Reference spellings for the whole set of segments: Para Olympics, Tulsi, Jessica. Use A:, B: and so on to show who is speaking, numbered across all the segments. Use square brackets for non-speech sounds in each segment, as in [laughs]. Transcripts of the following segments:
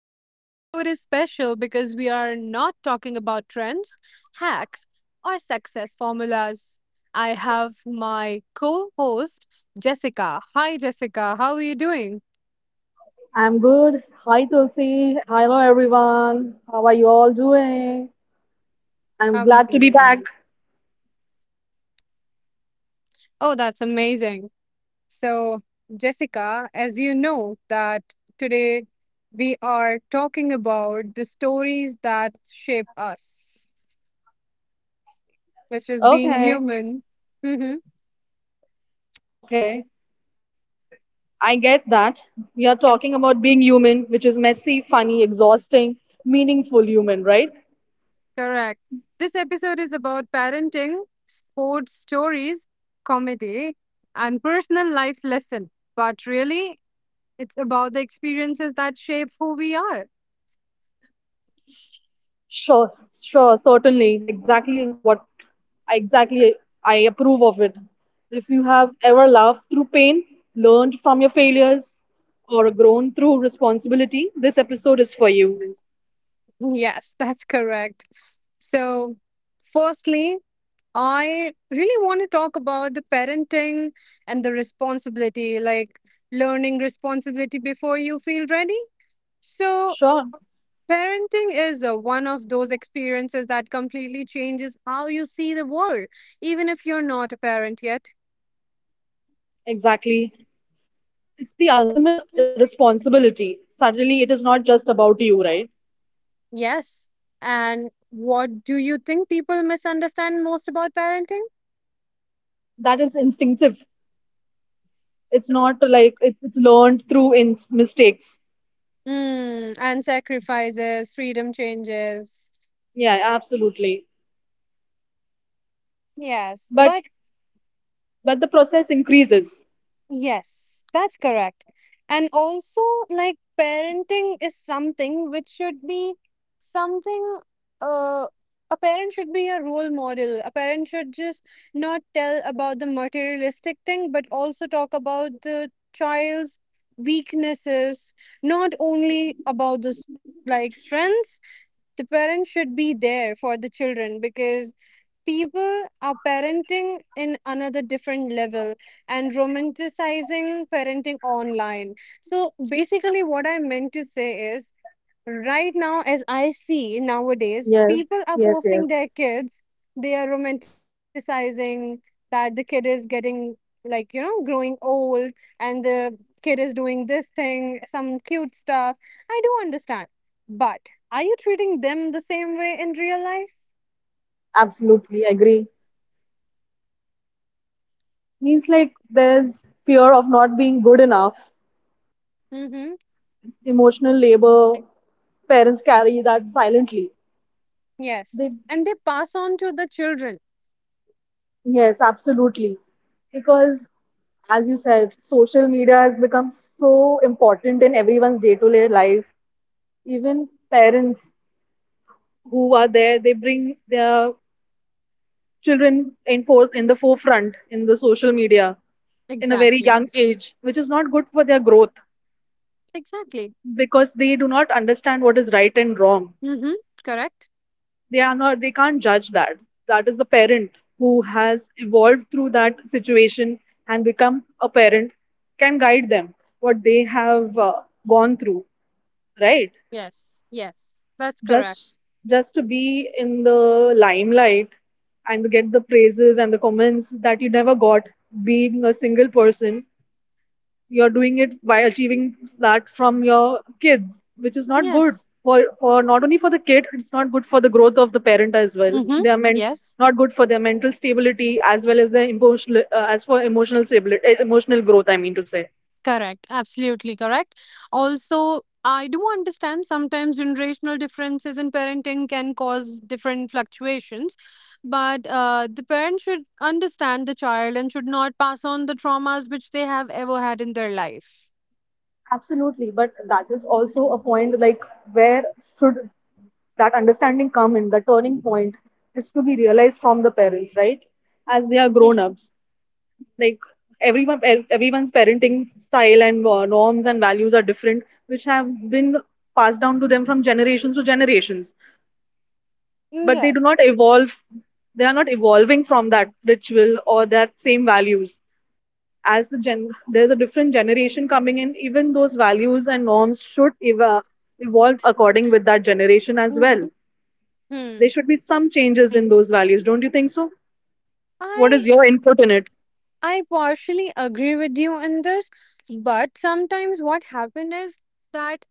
A: Today's episode is special because we are not talking about trends, hacks, or success formulas. I have my co host, Jessica. Hi, Jessica. How are you doing?
B: I'm good. Hi, Tulsi. Hello, everyone. How are you all doing? I'm glad to be back.
A: Amazing. Oh, that's amazing. So, Jessica, as you know, that today we are talking about the stories that shape us, which is being
B: Okay,
A: human. Hmm.
B: okay. I get that. We are talking about being human, which is messy, funny, exhausting, meaningful human, right?
A: Correct. This episode is about parenting, sports stories, comedy, and personal life lesson. But really, it's about the experiences that shape who we are.
B: Sure, sure, certainly. Exactly what I exactly I approve of it. If you have ever laughed through pain, learned from your failures, or grown through responsibility, this episode is for you.
A: Yes, that's correct. So, firstly, I really want to talk about the parenting and the responsibility, like learning responsibility before you feel ready. So,
B: Sure,
A: parenting is one of those experiences that completely changes how you see the world, even if you're not a parent yet.
B: exactly. It's the ultimate responsibility. Suddenly, it is not just about you, right?
A: Yes. And what do you think people misunderstand most about parenting?
B: That is instinctive. It's not like it's learned through in mistakes.
A: And sacrifices, freedom changes.
B: Yeah, absolutely.
A: Yes.
B: But
A: But
B: but the process increases.
A: Yes, that's correct. And also, like, parenting is something which should be something, uh, a parent should be a role model. A parent should just not tell about the materialistic thing, but also talk about the child's weaknesses, not only about the like strengths. The parents should be there for the children because people are parenting in another different level and romanticizing parenting online. So basically what I meant to say is, right now as I see nowadays,
B: Yes,
A: people are
B: yes.
A: posting their kids. They are romanticizing that the kid is getting, like, growing old, and the kid is doing this thing, some cute stuff. I do understand, but are you treating them the same way in real life?
B: Absolutely agree. Means like there's fear of not being good enough.
A: Mm-hmm.
B: Emotional labor, parents carry that silently. They
A: Yes, and they pass on to the children.
B: Yes, absolutely. Because as you said, social media has become so important in everyone's day-to-day life. Even parents who are there, they bring their children in the forefront in the social media in a very
A: Exactly.
B: young age, which is not good for their growth
A: Exactly.
B: because they do not understand what is right and wrong.
A: Mm-hmm. Correct.
B: They are not, they can't judge that. That is the parent who has evolved through that situation and become a parent, can guide them what they have gone through, right?
A: Yes, yes, that's correct.
B: Just just to be in the limelight and to get the praises and the comments that you never got being a single person, you're doing it by achieving that from your kids, which is not good
A: Yes.
B: for not only for the kid, it's not good for the growth of the parent as well.
A: Mm-hmm.
B: They are meant,
A: Yes.
B: not good for their mental stability as well as their emotional as for emotional stability emotional growth, I mean to say.
A: Correct. Absolutely correct. Also, I do understand sometimes generational differences in parenting can cause different fluctuations, but the parent should understand the child and should not pass on the traumas which they have ever had in their life.
B: Absolutely, but that is also a point, like where should that understanding come in? The turning point is to be realized from the parents, right? As they are grown
A: Mm.
B: ups, like everyone's parenting style and norms and values are different, which have been passed down to them from generations to generations, but they do not
A: Yes.
B: evolve. They are not evolving from that ritual or that same values. As the gen, there's a different generation coming in, even those values and norms should evolve according with that generation as
A: Hmm.
B: well.
A: Hmm.
B: There should be some changes
A: Mm.
B: in those values, don't you think so? What
A: I
B: is your input in it?
A: I partially agree with you in this, but sometimes what happens is that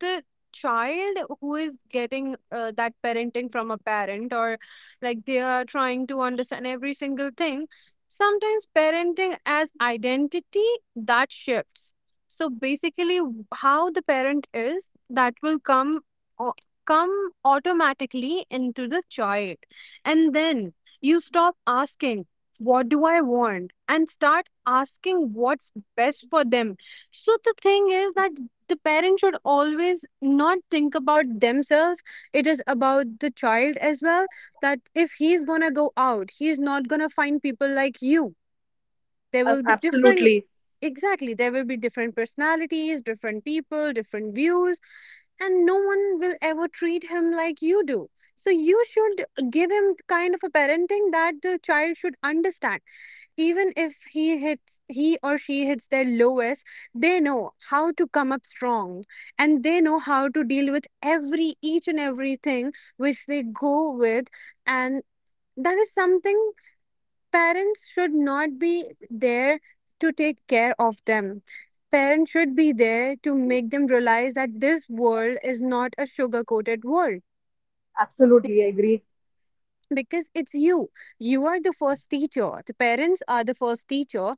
A: the child who is getting that parenting from a parent, or like, they are trying to understand every single thing. Sometimes parenting as identity, that shifts. So basically, how the parent is, that will come au- come automatically into the child. And then you stop asking what do I want, and start asking what's best for them. So the thing is that the parent should always not think about themselves, it is about the child as well. That if he's gonna go out, he's not gonna find people like you. There
B: Uh,
A: will be different.
B: absolutely
A: Exactly, there will be different personalities, different people, different views, and no one will ever treat him like you do. So you should give him the kind of a parenting that the child should understand, even if he or she hits their lowest, they know how to come up strong, and they know how to deal with every each and everything which they go with. And that is something, parents should not be there to take care of them. Parents should be there to make them realize that this world is not a sugar coated world.
B: absolutely, I agree.
A: Because it's you are the first teacher, the parents are the first teacher.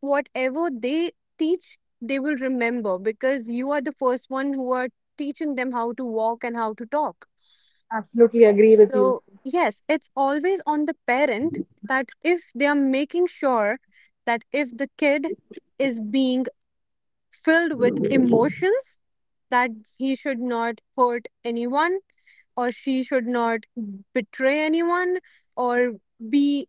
A: Whatever they teach, they will remember, because you are the first one who are teaching them how to walk and how to talk.
B: Absolutely agree with you.
A: So yes, it's always on the parent, that if they are making sure that if the kid is being filled with emotions, that he should not hurt anyone, or she should not betray anyone, or be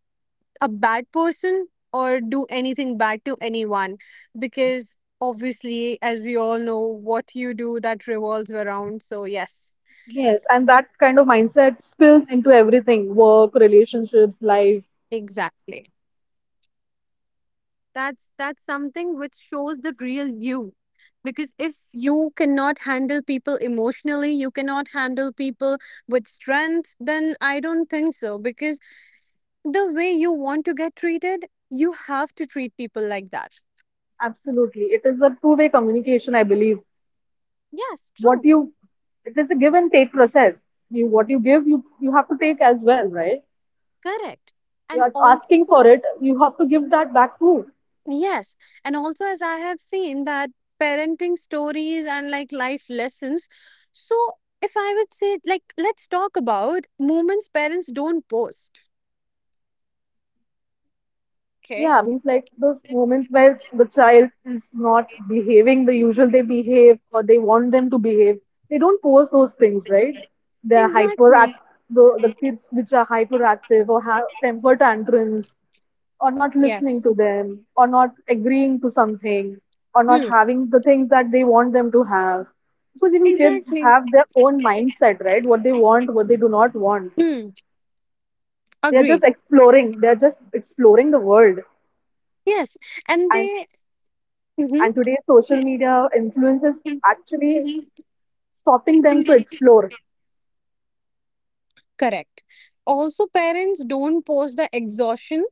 A: a bad person, or do anything bad to anyone. Because obviously, as we all know, what you do, that revolves around. So yes,
B: Yes, and that kind of mindset spills into everything, work, relationships, life.
A: exactly. That's something which shows the real you. Because if you cannot handle people emotionally, you cannot handle people with strength, then I don't think so. Because the way you want to get treated, you have to treat people like that.
B: Absolutely. It is a two-way communication, I believe.
A: Yes,
B: What
A: true.
B: you it is a give and take process. You, what you give, you have to take as well, right?
A: Correct.
B: You
A: And
B: are asking for
A: also,
B: it, you have to give that back too.
A: yes. And also, as I have seen that parenting stories and, like, life lessons. So, if I would say, like, let's talk about moments parents don't post. Okay.
B: Yeah, means like those moments where the child is not behaving the usual they behave or they want them to behave. They don't post those things, right? They're hyperact
A: Exactly.
B: the kids which are hyperactive or have temper tantrums or not listening to
A: Yes.
B: them or not agreeing to something or not
A: Hmm.
B: having the things that they want them to have. Because even kids
A: Exactly.
B: have their own mindset, right? What they want, what they do not want.
A: Hmm.
B: They are
A: Agreed.
B: just exploring. They are just exploring the world.
A: Yes. And they. Mhm.
B: And today's social media influence is actually stopping them to explore.
A: Correct. Also, parents don't post the exhaustion,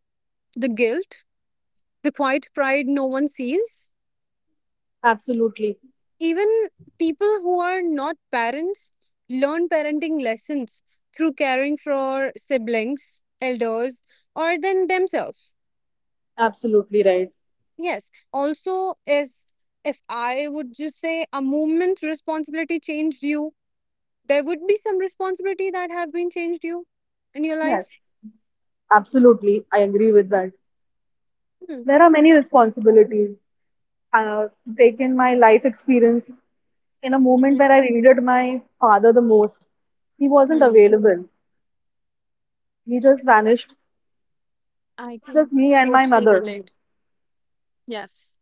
A: the guilt, the quiet pride no one sees.
B: Absolutely.
A: Even people who are not parents learn parenting lessons through caring for siblings, elders, or then themselves.
B: Absolutely right.
A: Yes. Also, is, if I would just say a movement responsibility changed you, there would be some responsibility that have been changed you in your
B: Yes,
A: life.
B: absolutely. I agree with that.
A: Hmm.
B: There are many responsibilities. Uh, Taken my life experience in a moment
A: Mhm.
B: where I needed my father the most. He wasn't
A: Hmm.
B: available. He just vanished.
A: I
B: It was just
A: can
B: me and my
A: totally
B: mother.
A: relate. Yes.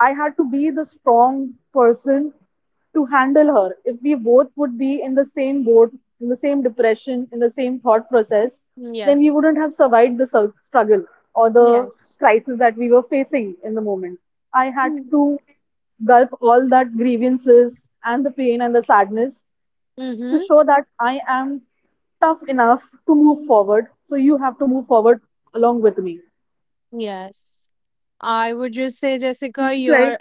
B: I had to be the strong person to handle her. If we both would be in the same boat, in the same depression, in the same thought process, then we
A: Yes.
B: wouldn't have survived the struggle or the
A: Yes.
B: crisis that we were facing in the moment. I had to gulp all that grievances and the pain and the sadness to
A: Mm-hmm.
B: show that I am tough enough to move forward. So you have to move forward along with me.
A: Yes. I would just say, Jessica,
B: It's like
A: you're.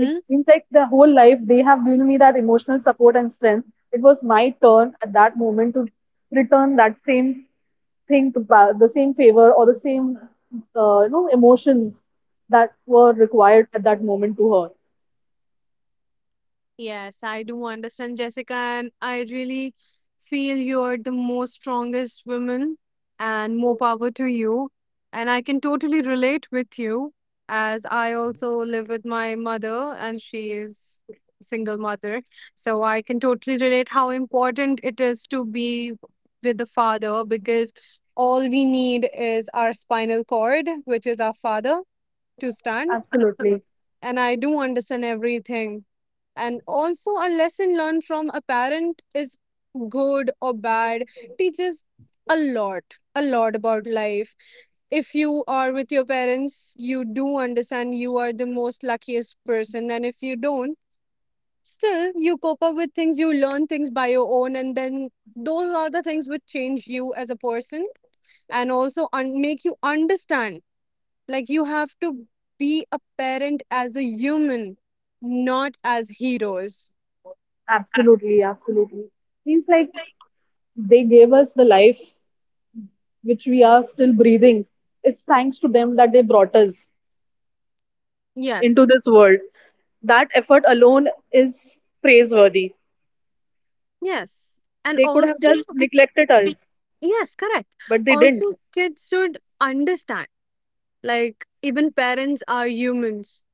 B: Like in fact, the whole life they have given me that emotional support and strength. It was my turn at that moment to return that same thing to the same favor or the same you know, emotions that were required at that moment to her.
A: Yes, I do understand, Jessica, and I really feel you're the most strongest woman, and more power to you. And I can totally relate with you, as I also live with my mother, and she is a single mother. So I can totally relate how important it is to be with the father, because all we need is our spinal cord, which is our father, to stand. Absolutely.
B: absolutely
A: And I do understand everything. And also, a lesson learned from a parent is good or bad, teaches a lot, a lot about life. If you are with your parents, you do understand you are the most luckiest person. And if you don't, still you cope up with things, you learn things by your own. And then those are the things which change you as a person, and also make you understand, like, you have to be a parent as a human, not as heroes.
B: absolutely absolutely means like they gave us the life which we are still breathing. It's thanks to them that they brought us into
A: Yes,
B: this world. That effort alone is praiseworthy.
A: yes. And
B: They could have
A: also,
B: just neglected us,
A: [clears throat] yes, correct.
B: but they didn't.
A: Also, kids should understand, like, even parents are humans,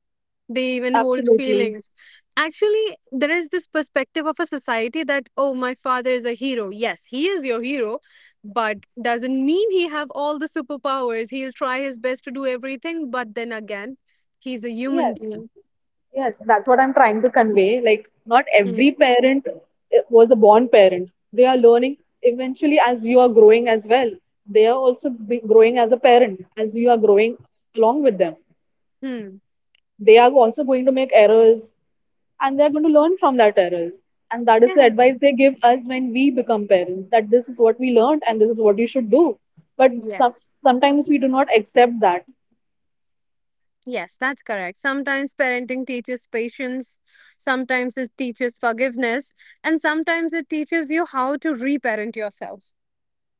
A: they even hold
B: Absolutely.
A: feelings. Actually, there is this perspective of a society that, oh, my father is a hero. Yes, he is your hero, but doesn't mean he have all the superpowers. He'll try his best to do everything, but then again, he's a human
B: Yes,
A: being.
B: yes, that's what I'm trying to convey. Like, not every parent was a born parent. They are learning eventually as you are growing as well. They are also be growing as a parent as you are growing along with them.
A: Mm-hmm.
B: They are also going to make errors and they are going to learn from that errors. And that is the
A: Correct.
B: advice
A: [laughs]
B: they give us when we become parents, that this is what we learned and this is what you should do. But some,
A: Yes.
B: Sometimes we do not accept that.
A: Yes, that's correct. Sometimes parenting teaches patience, sometimes it teaches forgiveness, and sometimes it teaches you how to reparent yourself.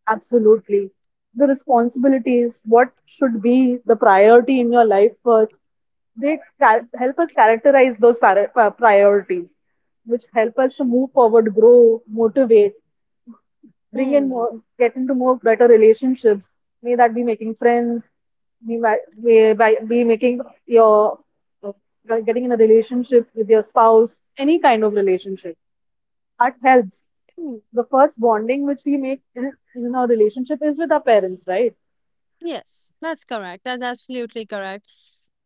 B: Absolutely. The responsibilities, what should be the priority in your life first, they help us characterize those priorities, which help us to move forward, grow, motivate, bring in
A: Mm.
B: more, get into more better relationships. May that be making friends, may, ma- may by, be making your uh, getting in a relationship with your spouse, any kind of relationship. That helps.
A: Mm.
B: The first bonding which we make in our relationship is with our parents, right?
A: Yes, that's correct. That's absolutely correct.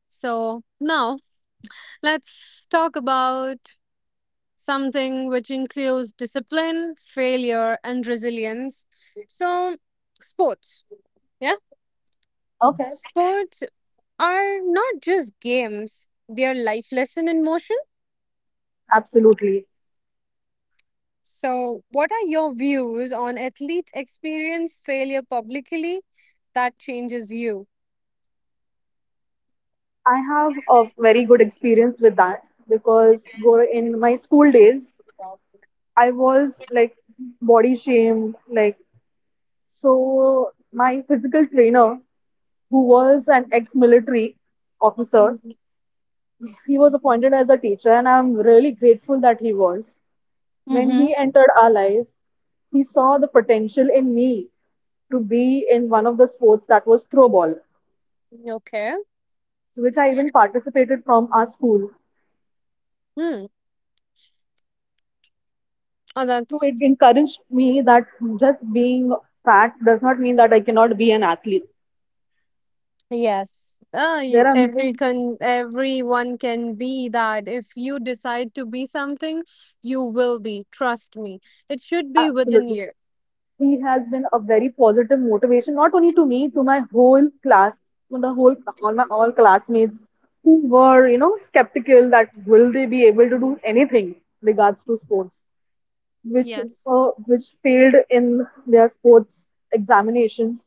A: So now let's talk about something which includes discipline, failure, and resilience. So, sports. Yeah.
B: Okay,
A: Sports are not just games, they are life lesson in motion.
B: absolutely.
A: So, what are your views on athletes experience failure publicly that changes you?
B: I have a very good experience with that because go in my school days, I was like body shamed, like so my physical trainer, who was an ex-military officer, he was appointed as a teacher, and I'm really grateful that he was. When he
A: Mm-hmm.
B: entered our life, he saw the potential in me to be in one of the sports that was throwball,
A: Okay.
B: which I even participated from our school.
A: Hmm. Oh,
B: So it
A: that's
B: encouraged me that just being fat does not mean that I cannot be an athlete.
A: yes. You,
B: There are
A: every can everyone can be that. If you decide to be something, you will be. Trust me. It should be within
B: Absolutely.
A: you.
B: He has been a very positive motivation, not only to me, to my whole class, to the whole, all my all classmates who were, you know, skeptical that will they be able to do
A: Mhm.
B: anything regards to sports, which
A: Yes.
B: which failed in their sports examinations,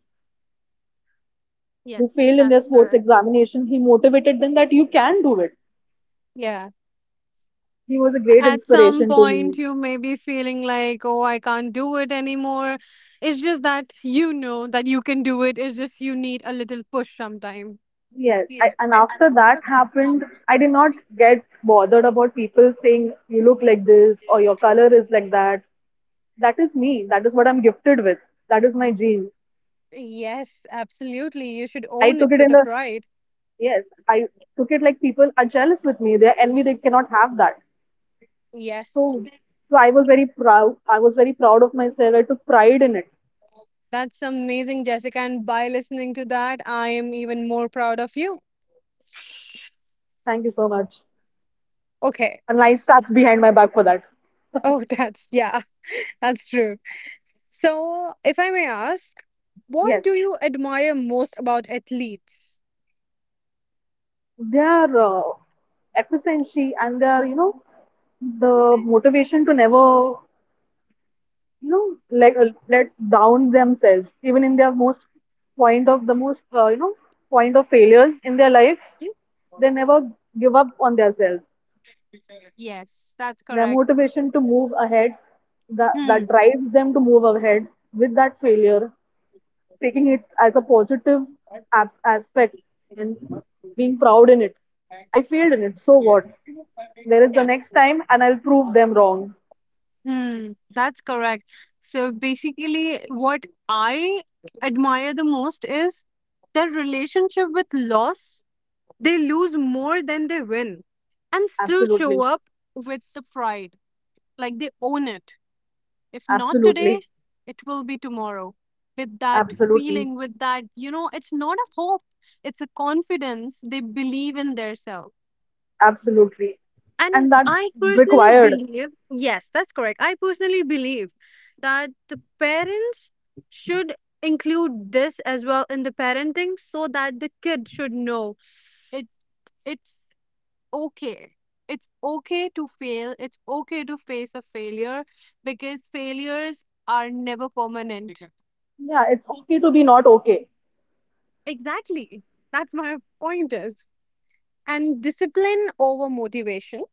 B: who
A: Yes,
B: failed in their
A: that's
B: sports
A: correct.
B: examination. He motivated them that you can do it.
A: Yeah.
B: He was a great
A: At some
B: inspiration to
A: point
B: me.
A: you may be feeling like, oh, I can't do it anymore. It's just that you know that you can do it, it's just you need a little push sometime.
B: And
A: I-
B: after that happened, I did not get bothered about people saying you look like this or your color is like that. That is me. That is what I'm gifted with. That is my gene.
A: yes, absolutely, you should
B: I
A: own
B: took
A: it
B: it
A: with
B: in
A: a
B: a
A: pride.
B: Yes. I took it like people are jealous with me. They are envy. They cannot have that.
A: Yes,
B: So, so, I was very proud. I was very proud of myself. I took pride in it.
A: that's amazing, Jessica, and by listening to that I am even more proud of you.
B: Thank you so much.
A: Okay.
B: And I stuck
A: S-
B: behind my back for that.
A: oh, that's, yeah. [laughs] That's true. So if I may ask, what do
B: Yes.
A: you admire most about athletes?
B: Their efficiency and their, you know, the motivation to never, you know, like let down themselves even in their most point of the most, you know, point of failures in their life. They never give up on themselves.
A: Yes, that's
B: Their
A: correct.
B: motivation to move ahead, that
A: Hmm.
B: drives them to move ahead with that failure, taking it as a positive aspect and being proud in it. I failed in it, so what? There is the
A: Yes.
B: next time, and I'll prove them wrong.
A: Hmm, that's correct. So basically, what I admire the most is their relationship with loss. They lose more than they win and still show
B: Absolutely,
A: up with the pride. Like they own it. If not today,
B: absolutely,
A: it will be tomorrow. With that
B: absolutely,
A: feeling, with that, you know, it's not a hope, it's a confidence. They believe in themselves.
B: absolutely. And
A: And
B: that's
A: I personally
B: required.
A: believe, yes, that's correct. I personally believe that the parents should include this as well in the parenting, so that the kid should know it. It's okay. It's okay to fail. It's okay to face a failure, because failures are never permanent.
B: Yeah, it's okay to be not okay.
A: Exactly. Exactly. That's my point is. And discipline over motivation.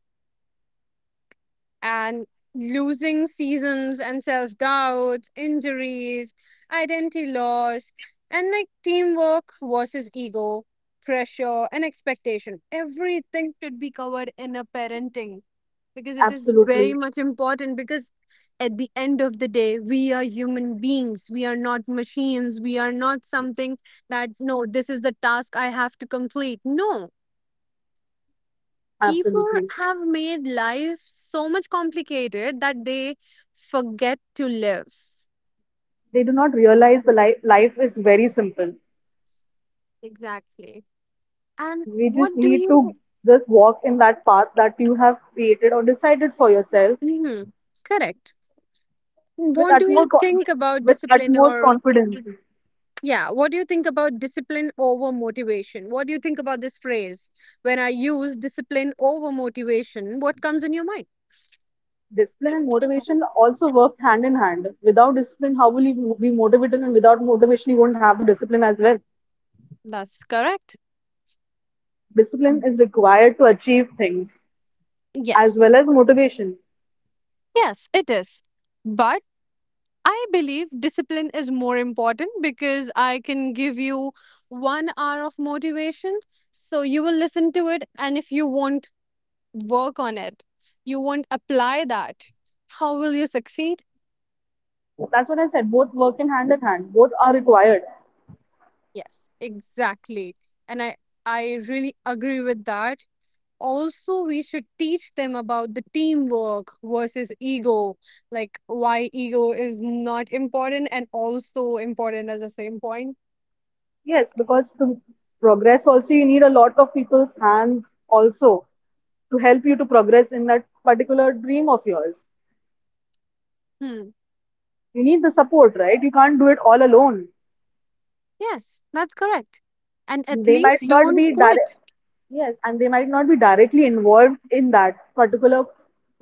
A: And losing seasons and self doubts, injuries, identity loss, and like teamwork versus ego, pressure, and expectation. Everything should be covered in a parenting, because it is very
B: Absolutely,
A: much important. Because at the end of the day, we are human beings, we are not machines, we are not something that, no, this is the task I have to complete. No, people
B: absolutely.
A: have made life so much complicated that they forget to live.
B: They do not realize the life, life is very simple.
A: Exactly. And
B: We just
A: what do
B: need to
A: you.
B: just walk in that path that you have created or decided for yourself
A: Mhm. Correct?
B: with
A: What do you think about
B: with
A: discipline
B: utmost
A: or,
B: confidence.
A: yeah, what do you think about discipline over motivation? What do you think about this phrase? When I use discipline over motivation, what comes in your mind?
B: Discipline and motivation also work hand in hand. Without discipline, how will you be motivated? And without motivation, you won't have the discipline as well.
A: That's correct.
B: Discipline is required to achieve things as well
A: Yes.
B: as motivation.
A: Yes, it is. But I believe discipline is more important, because I can give you 1 hour of motivation. So you will listen to it. And if you won't work on it, you won't apply that, how will you succeed?
B: That's what I said. Both work in hand in hand. Both are required.
A: Yes, exactly. And I, I really agree with that. Also, we should teach them about the teamwork versus ego, like why ego is not important and also important at the same point.
B: Yes, because to progress also you need a lot of people's hands also to help you to progress in that particular dream of yours.
A: Hmm.
B: You need the support, right? You can't do it all alone.
A: Yes, that's correct. And
B: They
A: athletes
B: might not
A: don't
B: be direct,
A: quit.
B: yes, and they might not be directly involved in that particular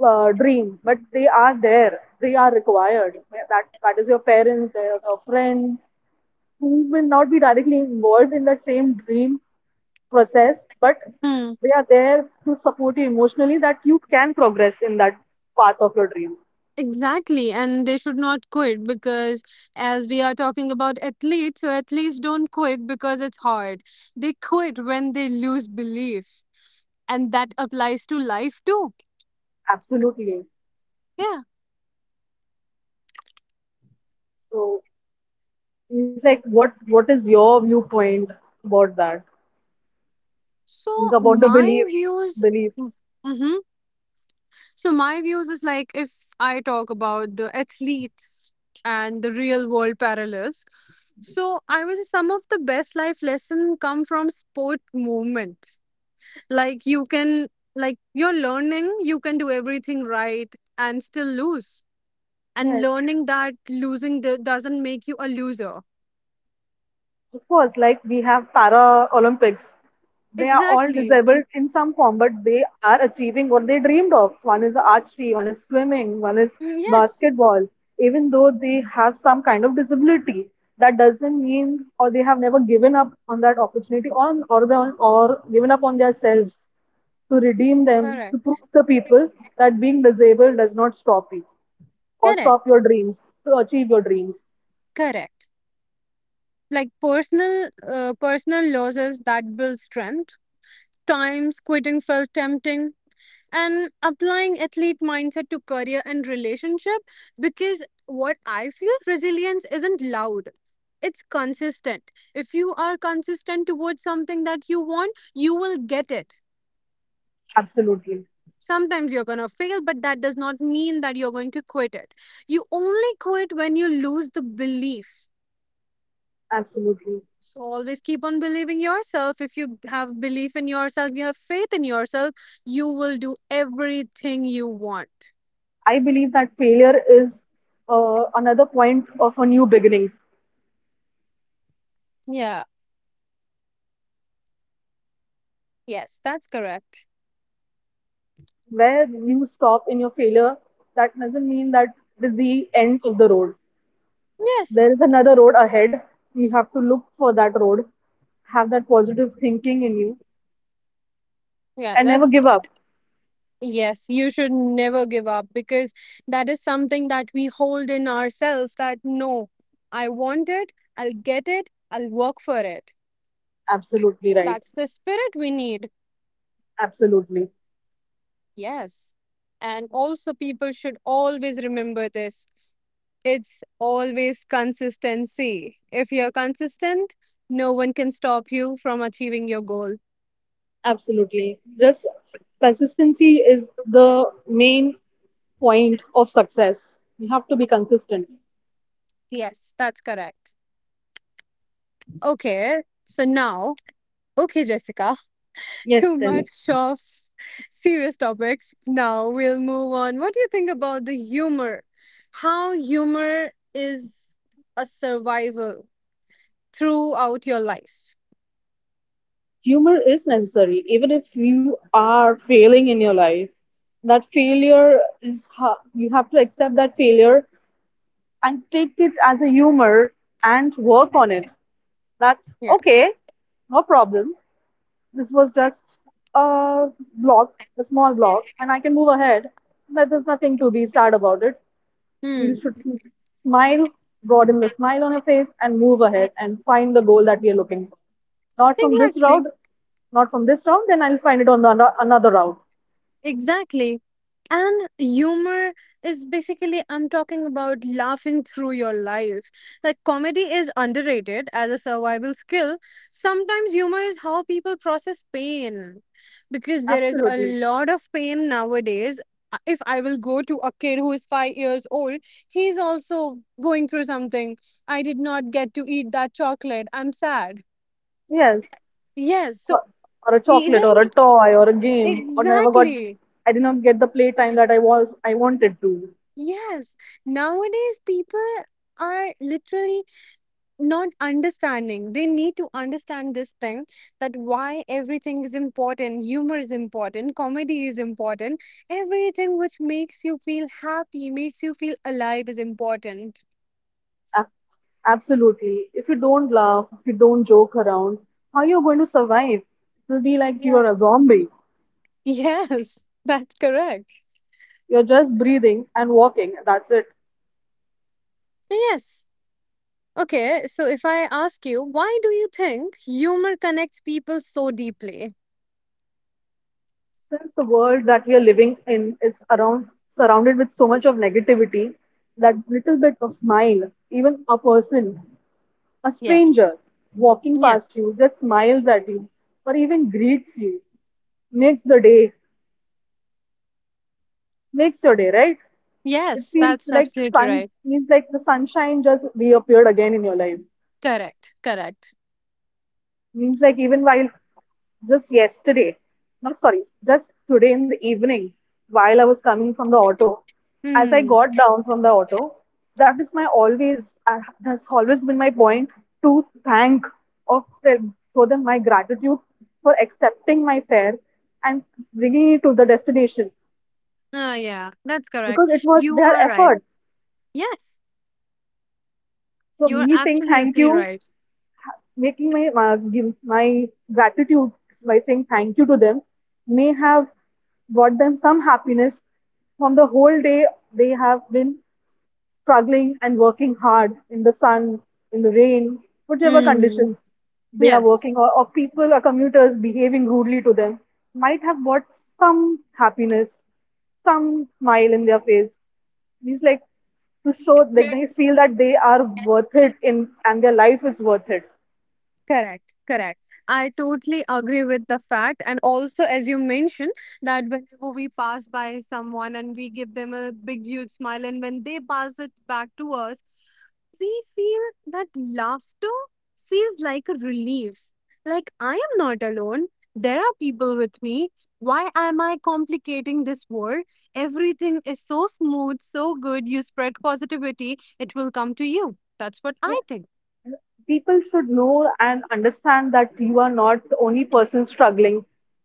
B: dream, but they are there. They are required. Yeah, that that is your parents, their your friends, who will not be directly involved in that same dream process, but
A: Hmm.
B: they are there to support you emotionally that you can progress in that path of your dream.
A: Exactly, and they should not quit because, as we are talking about athletes, so athletes don't quit because it's hard. They quit when they lose belief, and that applies to life too.
B: Absolutely.
A: Yeah.
B: So it's like, what is your viewpoint about that? It's
A: So
B: about the
A: my views.
B: belief.
A: mm, Mm-hmm. So my views is like if I talk about the athletes and the real world parallels. So I was. Some of the best life lesson come from sport movements. Like you can like you're learning, you can do everything right and still lose. And
B: Yes,
A: learning that losing doesn't make you a loser.
B: of course. Like we have Para Olympics. They are all
A: Exactly.
B: disabled in some form, but they are achieving what they dreamed of. One is archery, one is swimming, one is
A: Mm, yes.
B: basketball. Even though they have some kind of disability, that doesn't mean or they have never given up on that opportunity on or the or given up on themselves to redeem them, to prove
A: Correct.
B: to people that being disabled does not stop you or
A: Correct.
B: stop your dreams to achieve your dreams.
A: Correct. Like personal losses that build strength, times quitting felt tempting, and applying athlete mindset to career and relationship, because what I feel, resilience isn't loud, it's consistent. If you are consistent towards something that you want, you will get it.
B: Absolutely.
A: Sometimes you're going to fail, but that does not mean that you're going to quit it. You only quit when you lose the belief.
B: Absolutely.
A: So always keep on believing yourself. If you have belief in yourself, you have faith in yourself, you will do everything you want.
B: I believe that failure is another point of a new beginning.
A: Yeah, yes, that's correct.
B: Where you stop in your failure, that doesn't mean that it is the end of the road. There
A: Yes.
B: is another road ahead. You have to look for that road, have that positive thinking in you,
A: Yeah,
B: and never
A: that's
B: give up.
A: yes, you should never give up, because that is something that we hold in ourselves, that no, I want it, I'll get it, I'll work for it.
B: Absolutely right.
A: That's the spirit we need.
B: Absolutely.
A: Yes. And also people should always remember this. It's always consistency. If you're consistent, no one can stop you from achieving your goal.
B: Absolutely. Just consistency is the main point of success. You have to be consistent.
A: Yes, that's correct. Okay, so now, okay, Jessica, [laughs]
B: Yes,
A: too
B: tell me.
A: much of serious topics. Now we'll move on. What do you think about the humor? How humor is a survival throughout your life?
B: Humor is necessary. Even if you are failing in your life, that failure is how you have to accept that failure and take it as a humor and work on it. That,
A: Yeah.
B: okay, no problem, this was just a block, a small block, and I can move ahead. That there's nothing to be sad about it. We
A: Hmm.
B: should smile, broaden the smile on your face and move ahead and find the goal that we are looking for, not from this
A: Exactly.
B: route, not from this round, then I'll find it on the another route.
A: Exactly. And humor is basically, I'm talking about laughing through your life. Like, comedy is underrated as a survival skill. Sometimes humor is how people process pain, because there is a
B: Absolutely.
A: lot of pain nowadays. If I will go to a kid who is 5 years old, he's also going through something. I did not get to eat that chocolate. I'm sad.
B: Yes.
A: Yes. So,
B: Or or a chocolate
A: even
B: or a toy or a game. Or never got.
A: exactly.
B: I did not get the playtime that I wanted to.
A: Yes, nowadays people are literally not understanding. They need to understand this thing, that why everything is important. Humor is important, comedy is important. Everything which makes you feel happy, makes you feel alive is important.
B: A- Absolutely. If you don't laugh, if you don't joke around, how are you going to survive? It will be like you are a
A: Yes. [laughs]
B: zombie.
A: Yes, that's correct.
B: You're just breathing and walking. That's it.
A: Yes. Okay, so if I ask you, why do you think humor connects people so deeply?
B: Since the world that we are living in is around surrounded with so much of negativity, that little bit of smile, even a
A: Yes.
B: stranger walking past
A: Yes.
B: you just smiles at you or even greets you. Makes the day, makes your day, right? It
A: Yes,
B: feels
A: that's
B: like
A: absolutely
B: sun
A: right.
B: means like the sunshine just reappeared again in your life.
A: Correct, correct.
B: Means like even while just yesterday, no, sorry, just today in the evening, while I was coming from the auto, as I
A: Hmm.
B: got down from the auto, that is my always, that's always been my point to thank or tell, show them my gratitude for accepting my fare and bringing it to the destination
A: Oh, yeah, that's correct.
B: because it was
A: You
B: their
A: are right.
B: effort.
A: Yes,
B: So
A: you are
B: me saying thank
A: absolutely
B: you,
A: right.
B: making my give my gratitude by saying thank you to them may have brought them some happiness. From the whole day they have been struggling and working hard in the sun, in the rain, whichever
A: Hmm.
B: conditions they are
A: Yes.
B: working, or people or commuters behaving rudely to them, might have brought some happiness, some smile in their face. It's like to show that they feel that they are worth it in, and their life is worth it.
A: Correct, correct. I totally agree with the fact. And also, as you mentioned, that whenever we pass by someone and we give them a big, huge smile, and when they pass it back to us, we feel that laughter feels like a relief. Like, I am not alone. There are people with me. Why am I complicating this world? Everything is so smooth, so good. You spread positivity, it will come to you. That's what
B: Yeah,
A: I think.
B: people should know and understand that you are not the only person struggling.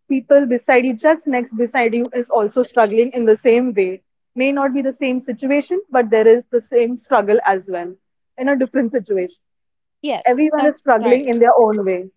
B: People beside you, just next beside you, is also struggling in the same way. May not be the same situation, but there is the same struggle as well in a different situation.
A: Yes,
B: Everyone is
A: that's
B: struggling
A: right.
B: in their own way.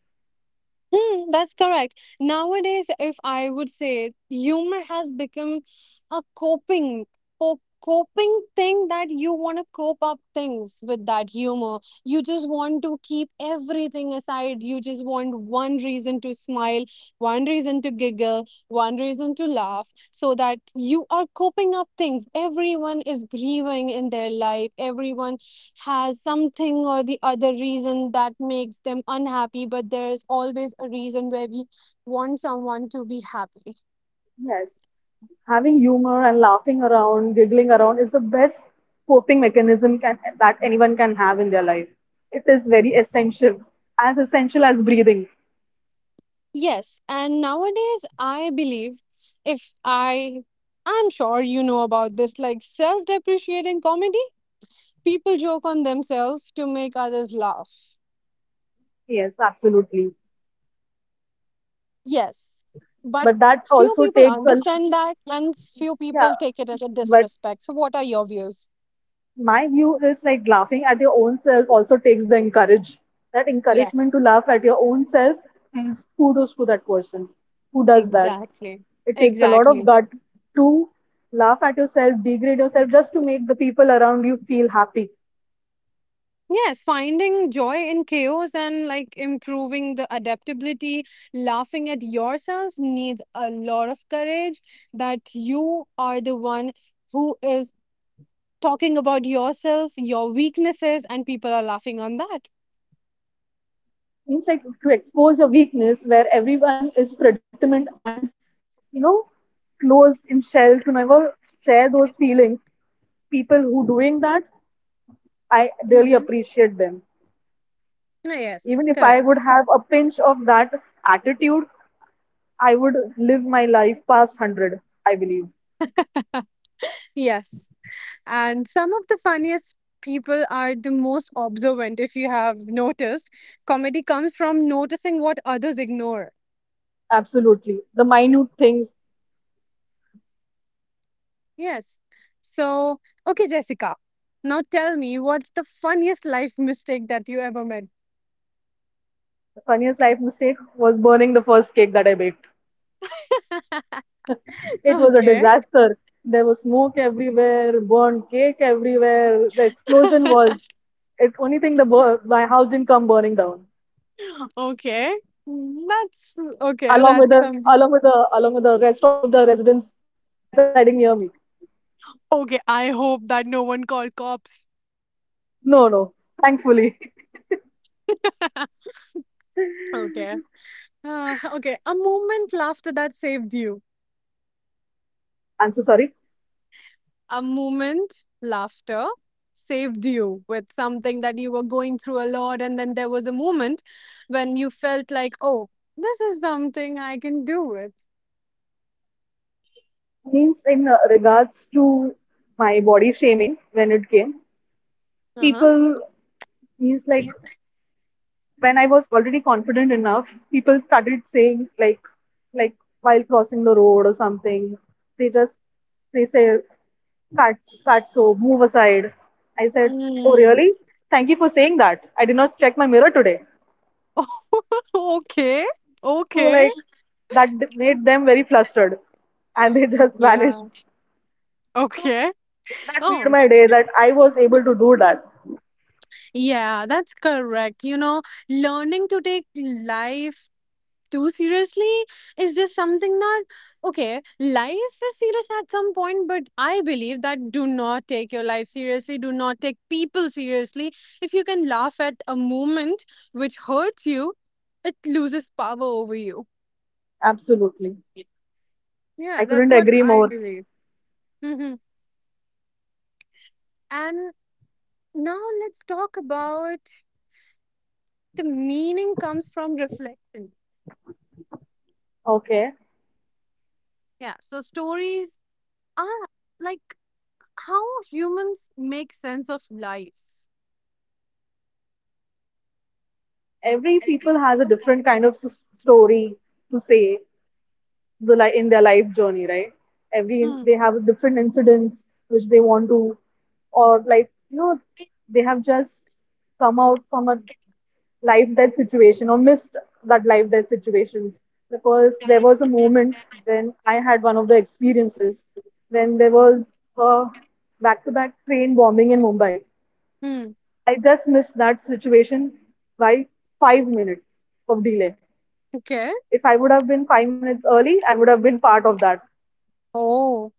A: Hmm, that's correct. Nowadays, if I would say, humor has become a coping coping thing, that you want to cope up things with that humor. You just want to keep everything aside. You just want one reason to smile, one reason to giggle, one reason to laugh, so that you are coping up things. Everyone is grieving in their life. Everyone has something or the other reason that makes them unhappy, but there's always a reason where we want someone to be happy.
B: Yes, having humor and laughing around, giggling around is the best coping mechanism that anyone can have in their life. It is very essential as breathing.
A: Yes, and nowadays I believe, if I I'm sure you know about this, like self-depreciating comedy, people joke on themselves to make others laugh.
B: Yes, absolutely.
A: Yes, but
B: But
A: few
B: that
A: people
B: also takes
A: understand
B: a,
A: that and few people
B: yeah.
A: take it as a
B: But
A: disrespect. So what are your views?
B: my view is like laughing at your own self also takes the encourage. That encouragement to
A: Yes,
B: laugh at your own self is kudos to that person who does that.
A: exactly.
B: It takes a lot of
A: Exactly.
B: gut to laugh at yourself, degrade yourself, just to make the people around you feel happy.
A: Yes, finding joy in chaos and like improving the adaptability, laughing at yourself needs a lot of courage, that you are the one who is talking about yourself, your weaknesses, and people are laughing on that.
B: Means like to expose your weakness, where everyone is predicament and you know closed in shell to never share those feelings. People who doing that, I really
A: Mm-hmm.
B: appreciate them.
A: Yes,
B: Even if I
A: correct.
B: would have a pinch of that attitude, I would live my life past 100, I believe.
A: Yes. And some of the funniest people are the most observant, if you have noticed. Comedy comes from noticing what others ignore.
B: Absolutely. The minute things.
A: Yes. So, okay, Jessica. Now tell me, what's the funniest life [laughs] mistake that you ever made? [laughs]
B: The funniest life mistake was burning the first cake that I baked. It was a
A: Okay.
B: disaster. There was smoke everywhere, burned cake everywhere. The explosion was.
A: [laughs]
B: It's only thing the my house didn't come burning down,
A: Okay. That's okay.
B: along with
A: That's
B: the
A: something.
B: rest of the residents residing near me.
A: Okay. I hope that no one called cops.
B: No, no, thankfully. [laughs]
A: Okay. [laughs] Okay. A moment laughter that saved you.
B: I'm so sorry.
A: A moment laughter saved you with something that you were going through a lot. And then there was a moment when you felt like, oh, this is something I can do with.
B: Means in regards to my body shaming. When it came
A: Uh huh.
B: people, means like, when I was already confident enough, people started saying like while crossing the road or something, they just they say, fat, fat, so move aside. I said, oh
A: Mm.
B: really, thank you for saying that, I did not check my mirror today.
A: [laughs] Okay.
B: So
A: Okay.
B: like that made them very flustered, and they [laughs] just vanished.
A: Yeah.
B: So
A: Okay.
B: that made
A: Oh,
B: my day, that I was able to do that.
A: yeah, that's correct. You know, learning to take life too seriously is just something that, okay, life is serious at some point, but I believe that do not take your life seriously, do not take people seriously. If you can laugh at a moment which hurts you, it loses power over you.
B: Absolutely.
A: Yeah,
B: I
A: that's
B: couldn't
A: what
B: agree
A: I
B: more.
A: believe. Hmm. And now let's talk about the meaning comes from reflection.
B: Okay.
A: Yeah, so stories are like how humans make sense of life.
B: Every people has a different kind of story to say, the in their life journey, right? Every
A: Hmm.
B: they have different incidents which they want to, or like they have just come out from a life death situation or missed that life death situations, because there was a moment when I had one of the experiences, when there was a back-to-back train bombing in Mumbai.
A: Hmm.
B: I just missed that situation by 5 minutes of delay.
A: Okay.
B: If I would have been 5 minutes early, I would have been part of that.
A: Oh,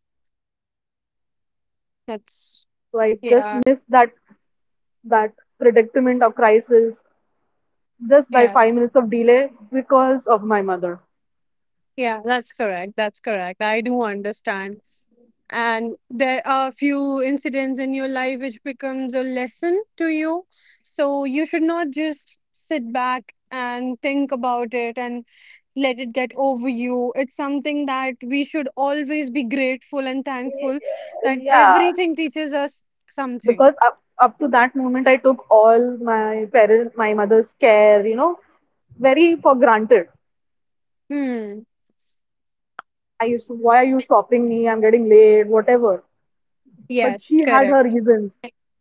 A: that's
B: So I just
A: yeah.
B: missed that that predicament of crisis just by five
A: Yes.
B: minutes of delay because of my mother.
A: Yeah, that's correct. That's correct. I do understand. And there are few incidents in your life which becomes a lesson to you, so you should not just sit back and think about it and let it get over you. It's something that we should always be grateful and thankful, that
B: Yeah,
A: everything teaches us something.
B: because up to that moment, I took all my mother's care, very for granted.
A: Hmm.
B: I used to, why are you stopping me? I'm getting late, whatever. But
A: Yes,
B: she had her
A: correct.
B: reasons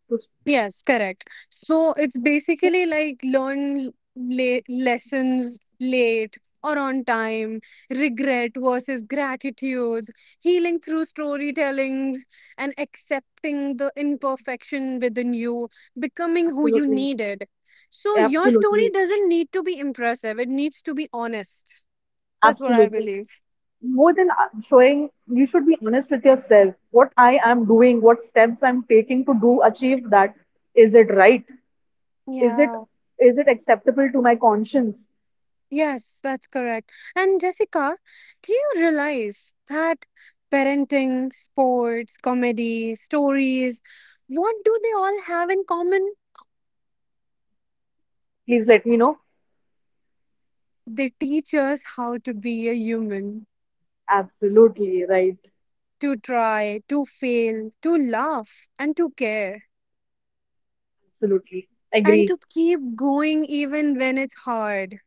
B: to stop.
A: Yes, correct. So it's basically like learn late lessons late or on time, regret versus gratitude, healing through storytellings, and accepting the imperfection within you, becoming who you
B: Absolutely.
A: needed. So your story
B: Absolutely,
A: doesn't need to be impressive, it needs to be honest. That's what I
B: absolutely.
A: believe.
B: More than showing, you should be honest with yourself. What I am doing, what steps I'm taking to do achieve that, is it right? Is it
A: Yeah.
B: acceptable to my conscience?
A: Yes, that's correct. And Jessica, do you realize that parenting, sports, comedy, stories, what do they all have in common?
B: Please let me know.
A: They teach us how to be a human,
B: Absolutely right.
A: to try, to fail, to laugh, and to care,
B: Absolutely
A: and
B: agree.
A: to keep going even when it's hard.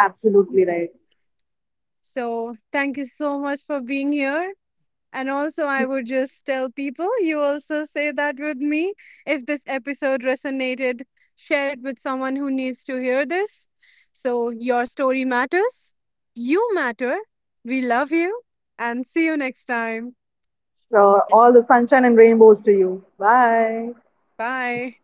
B: Absolutely right.
A: So, thank you so much for being here. And also, I would just tell people, you also say that with me. If this episode resonated, share it with someone who needs to hear this. So, your story matters. You matter. We love you. And see you next time.
B: Sure. All the sunshine and rainbows to you. Bye.
A: Bye.